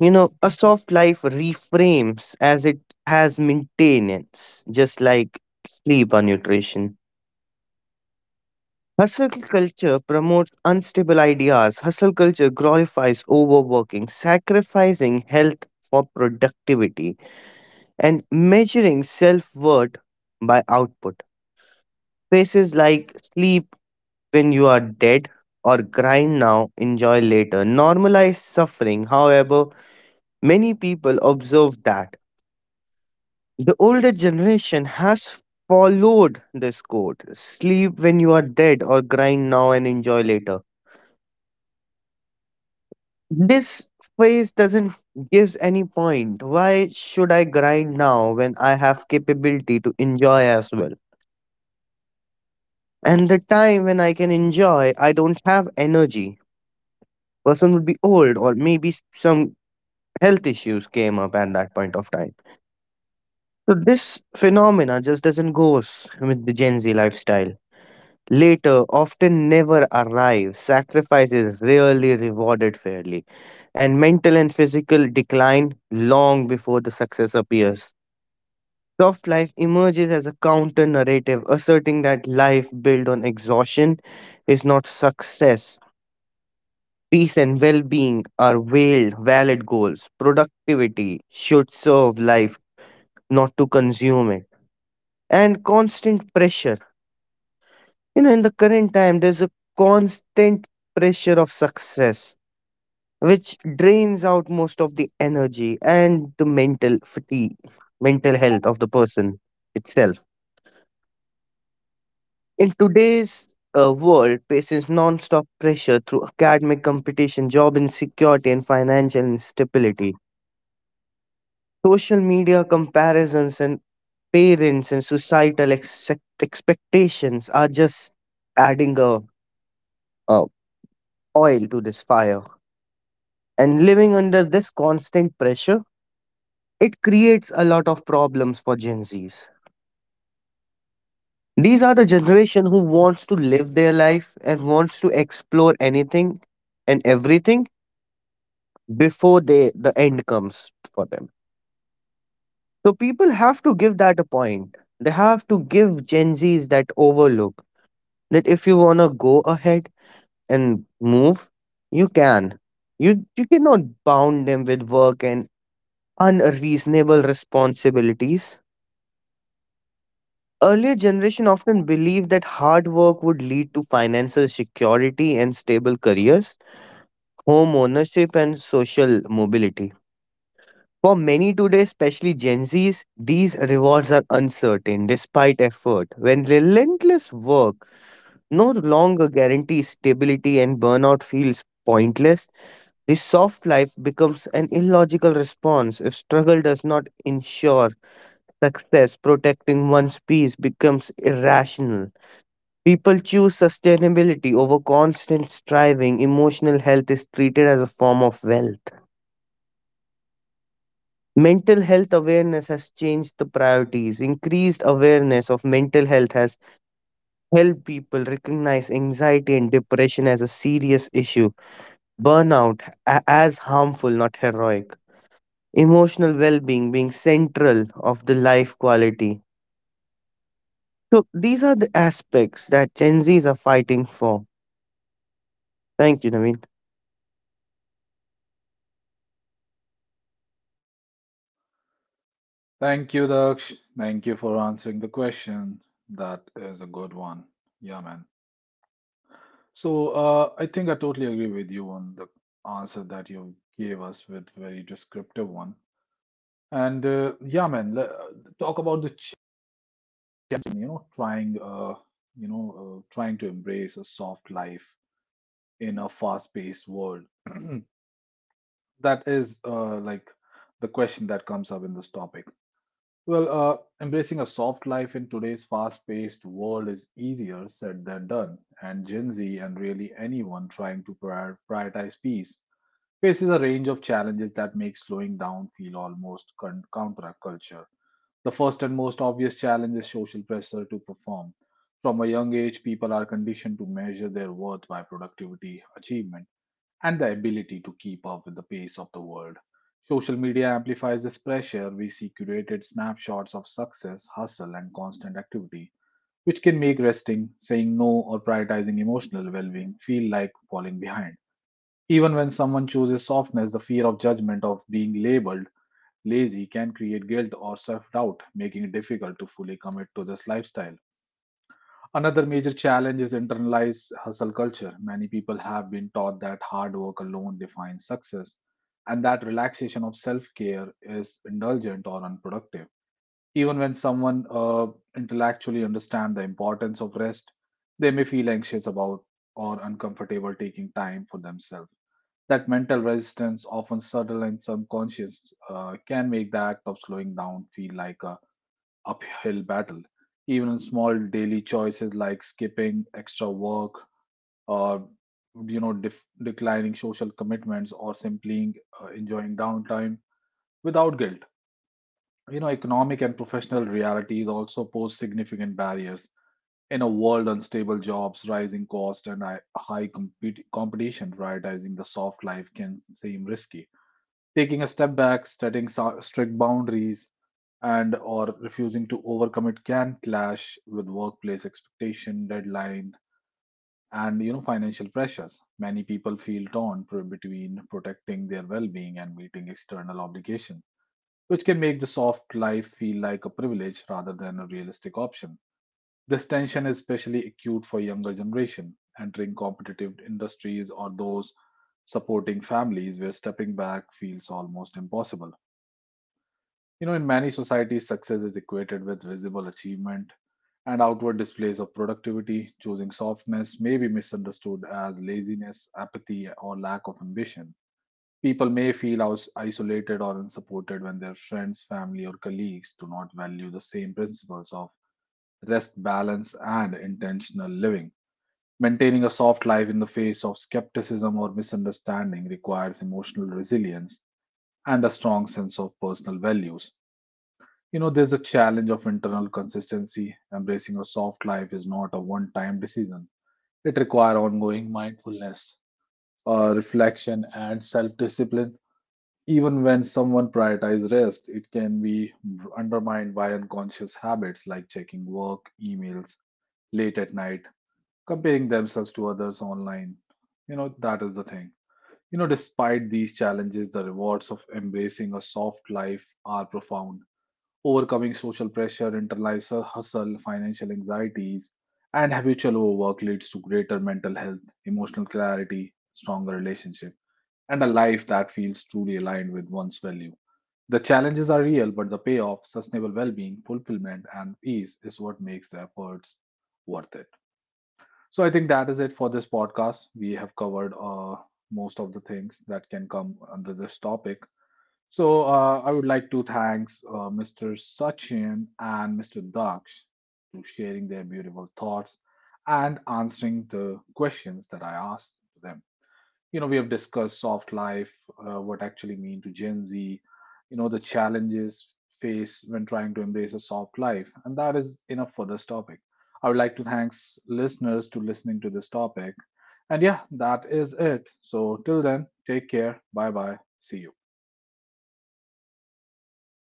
[SPEAKER 2] you know a soft life reframes as it has maintenance just like sleep or nutrition. Hustle culture promotes unstable ideas. Hustle culture glorifies overworking, sacrificing health for productivity, and measuring self worth by output. Phrases like sleep when you are dead or grind now, enjoy later normalize suffering. However, many people observe that the older generation has followed this code, sleep when you are dead or grind now and enjoy later. This phrase doesn't gives any point. Why should I grind now when I have capability to enjoy as well? And the time when I can enjoy, I don't have energy. Person would be old or maybe s- some health issues came up at that point of time. So this phenomena just doesn't goes with the Gen Z lifestyle. Later often never arrive. Sacrifice is rarely rewarded fairly, and mental and physical decline long before the success appears. Soft life emerges as a counter narrative, asserting that life built on exhaustion is not success. Peace and well being are veiled, valid goals. Productivity should serve life, not to consume it. And constant pressure. You know, in the current time, there's a constant pressure of success, which drains out most of the energy and the mental fatigue, mental health of the person itself. In today's uh, world, faces non-stop pressure through academic competition, job insecurity, and financial instability. Social media comparisons and parents and societal ex- expectations are just adding a, a oil to this fire. And living under this constant pressure, it creates a lot of problems for Gen Zs. These are the generation who wants to live their life and wants to explore anything and everything before they the end comes for them. So people have to give that a point. They have to give Gen Zs that overlook, that if you wanna go ahead and move, you can. You you cannot bound them with work and unreasonable responsibilities. Earlier generation often believed that hard work would lead to financial security and stable careers, home ownership and social mobility. For many today, especially Gen Zs, these rewards are uncertain despite effort. When relentless work no longer guarantees stability and burnout feels pointless, the soft life becomes an illogical response. If struggle does not ensure success, protecting one's peace becomes irrational. People choose sustainability over constant striving. Emotional health is treated as a form of wealth. Mental health awareness has changed the priorities. Increased awareness of mental health has helped people recognize anxiety and depression as a serious issue, burnout a- as harmful, not heroic. Emotional well being being central of the life quality. So, these are the aspects that Gen Zs are fighting for. Thank you, Naveen.
[SPEAKER 1] Thank you, Daksh. Thank you for answering the question. That is a good one. Yeah, man. So, uh, I think I totally agree with you on the answer that you gave us with very descriptive one. And uh, yeah, man, le- talk about the challenges faced when you know trying, uh, you know, uh, trying to embrace a soft life in a fast-paced world. That is uh, like the question that comes up in this topic. Well, uh, embracing a soft life in today's fast paced world is easier said than done, and Gen Z and really anyone trying to prior- prioritize peace faces a range of challenges that make slowing down feel almost con- counterculture. The first and most obvious challenge is social pressure to perform. From a young age, people are conditioned to measure their worth by productivity, achievement, and the ability to keep up with the pace of the world. Social media amplifies this pressure. We see curated snapshots of success, hustle, and constant activity, which can make resting, saying no, or prioritizing emotional well being feel like falling behind. Even when someone chooses softness, the fear of judgment of being labeled lazy can create guilt or self doubt, making it difficult to fully commit to this lifestyle. Another major challenge is internalized hustle culture. Many people have been taught that hard work alone defines success and that relaxation of self care is indulgent or unproductive. Even when someone uh, intellectually understands the importance of rest, they may feel anxious about or uncomfortable taking time for themselves. That mental resistance, often subtle and subconscious, uh, can make the act of slowing down feel like a uphill battle. Even in small daily choices like skipping extra work or you know def- declining social commitments or simply uh, enjoying downtime without guilt. You know, economic and professional realities also pose significant barriers. In a world unstable jobs, rising cost, and hi- high compet- competition, prioritizing the soft life can seem risky. Taking a step back, setting so- strict boundaries, and or refusing to overcommit can clash with workplace expectation deadline, and you know financial pressures. Many people feel torn pr- between protecting their well-being and meeting external obligation, which can make the soft life feel like a privilege rather than a realistic option. This tension is especially acute for younger generation entering competitive industries or those supporting families where stepping back feels almost impossible. You know, in many societies, success is equated with visible achievement and outward displays of productivity. Choosing softness may be misunderstood as laziness, apathy, or lack of ambition. People may feel aus- isolated or unsupported when their friends, family, or colleagues do not value the same principles of rest, balance, and intentional living. Maintaining a soft life in the face of skepticism or misunderstanding requires emotional resilience and a strong sense of personal values. You know, there's a challenge of internal consistency. Embracing a soft life is not a one time decision, it requires ongoing mindfulness, uh, reflection, and self discipline. Even when someone prioritizes rest, it can be undermined by unconscious habits like checking work emails late at night, comparing themselves to others online. You know, that is the thing. You know, despite these challenges, the rewards of embracing a soft life are profound. Overcoming social pressure, internalized hustle, financial anxieties, and habitual overwork leads to greater mental health, emotional clarity, stronger relationship, and a life that feels truly aligned with one's value. The challenges are real, but the payoff, sustainable well being, fulfillment, and peace is what makes the efforts worth it. So, I think that is it for this podcast. We have covered uh, most of the things that can come under this topic. So uh, I would like to thanks uh, mister Sachin and mister Daksh to sharing their beautiful thoughts and answering the questions that I asked to them. You know, we have discussed soft life, uh, what actually mean to Gen Z, you know, the challenges faced when trying to embrace a soft life, and that is enough for this topic. I would like to thanks listeners to listening to this topic. And yeah, that is it. So till then, take care. Bye bye. See you.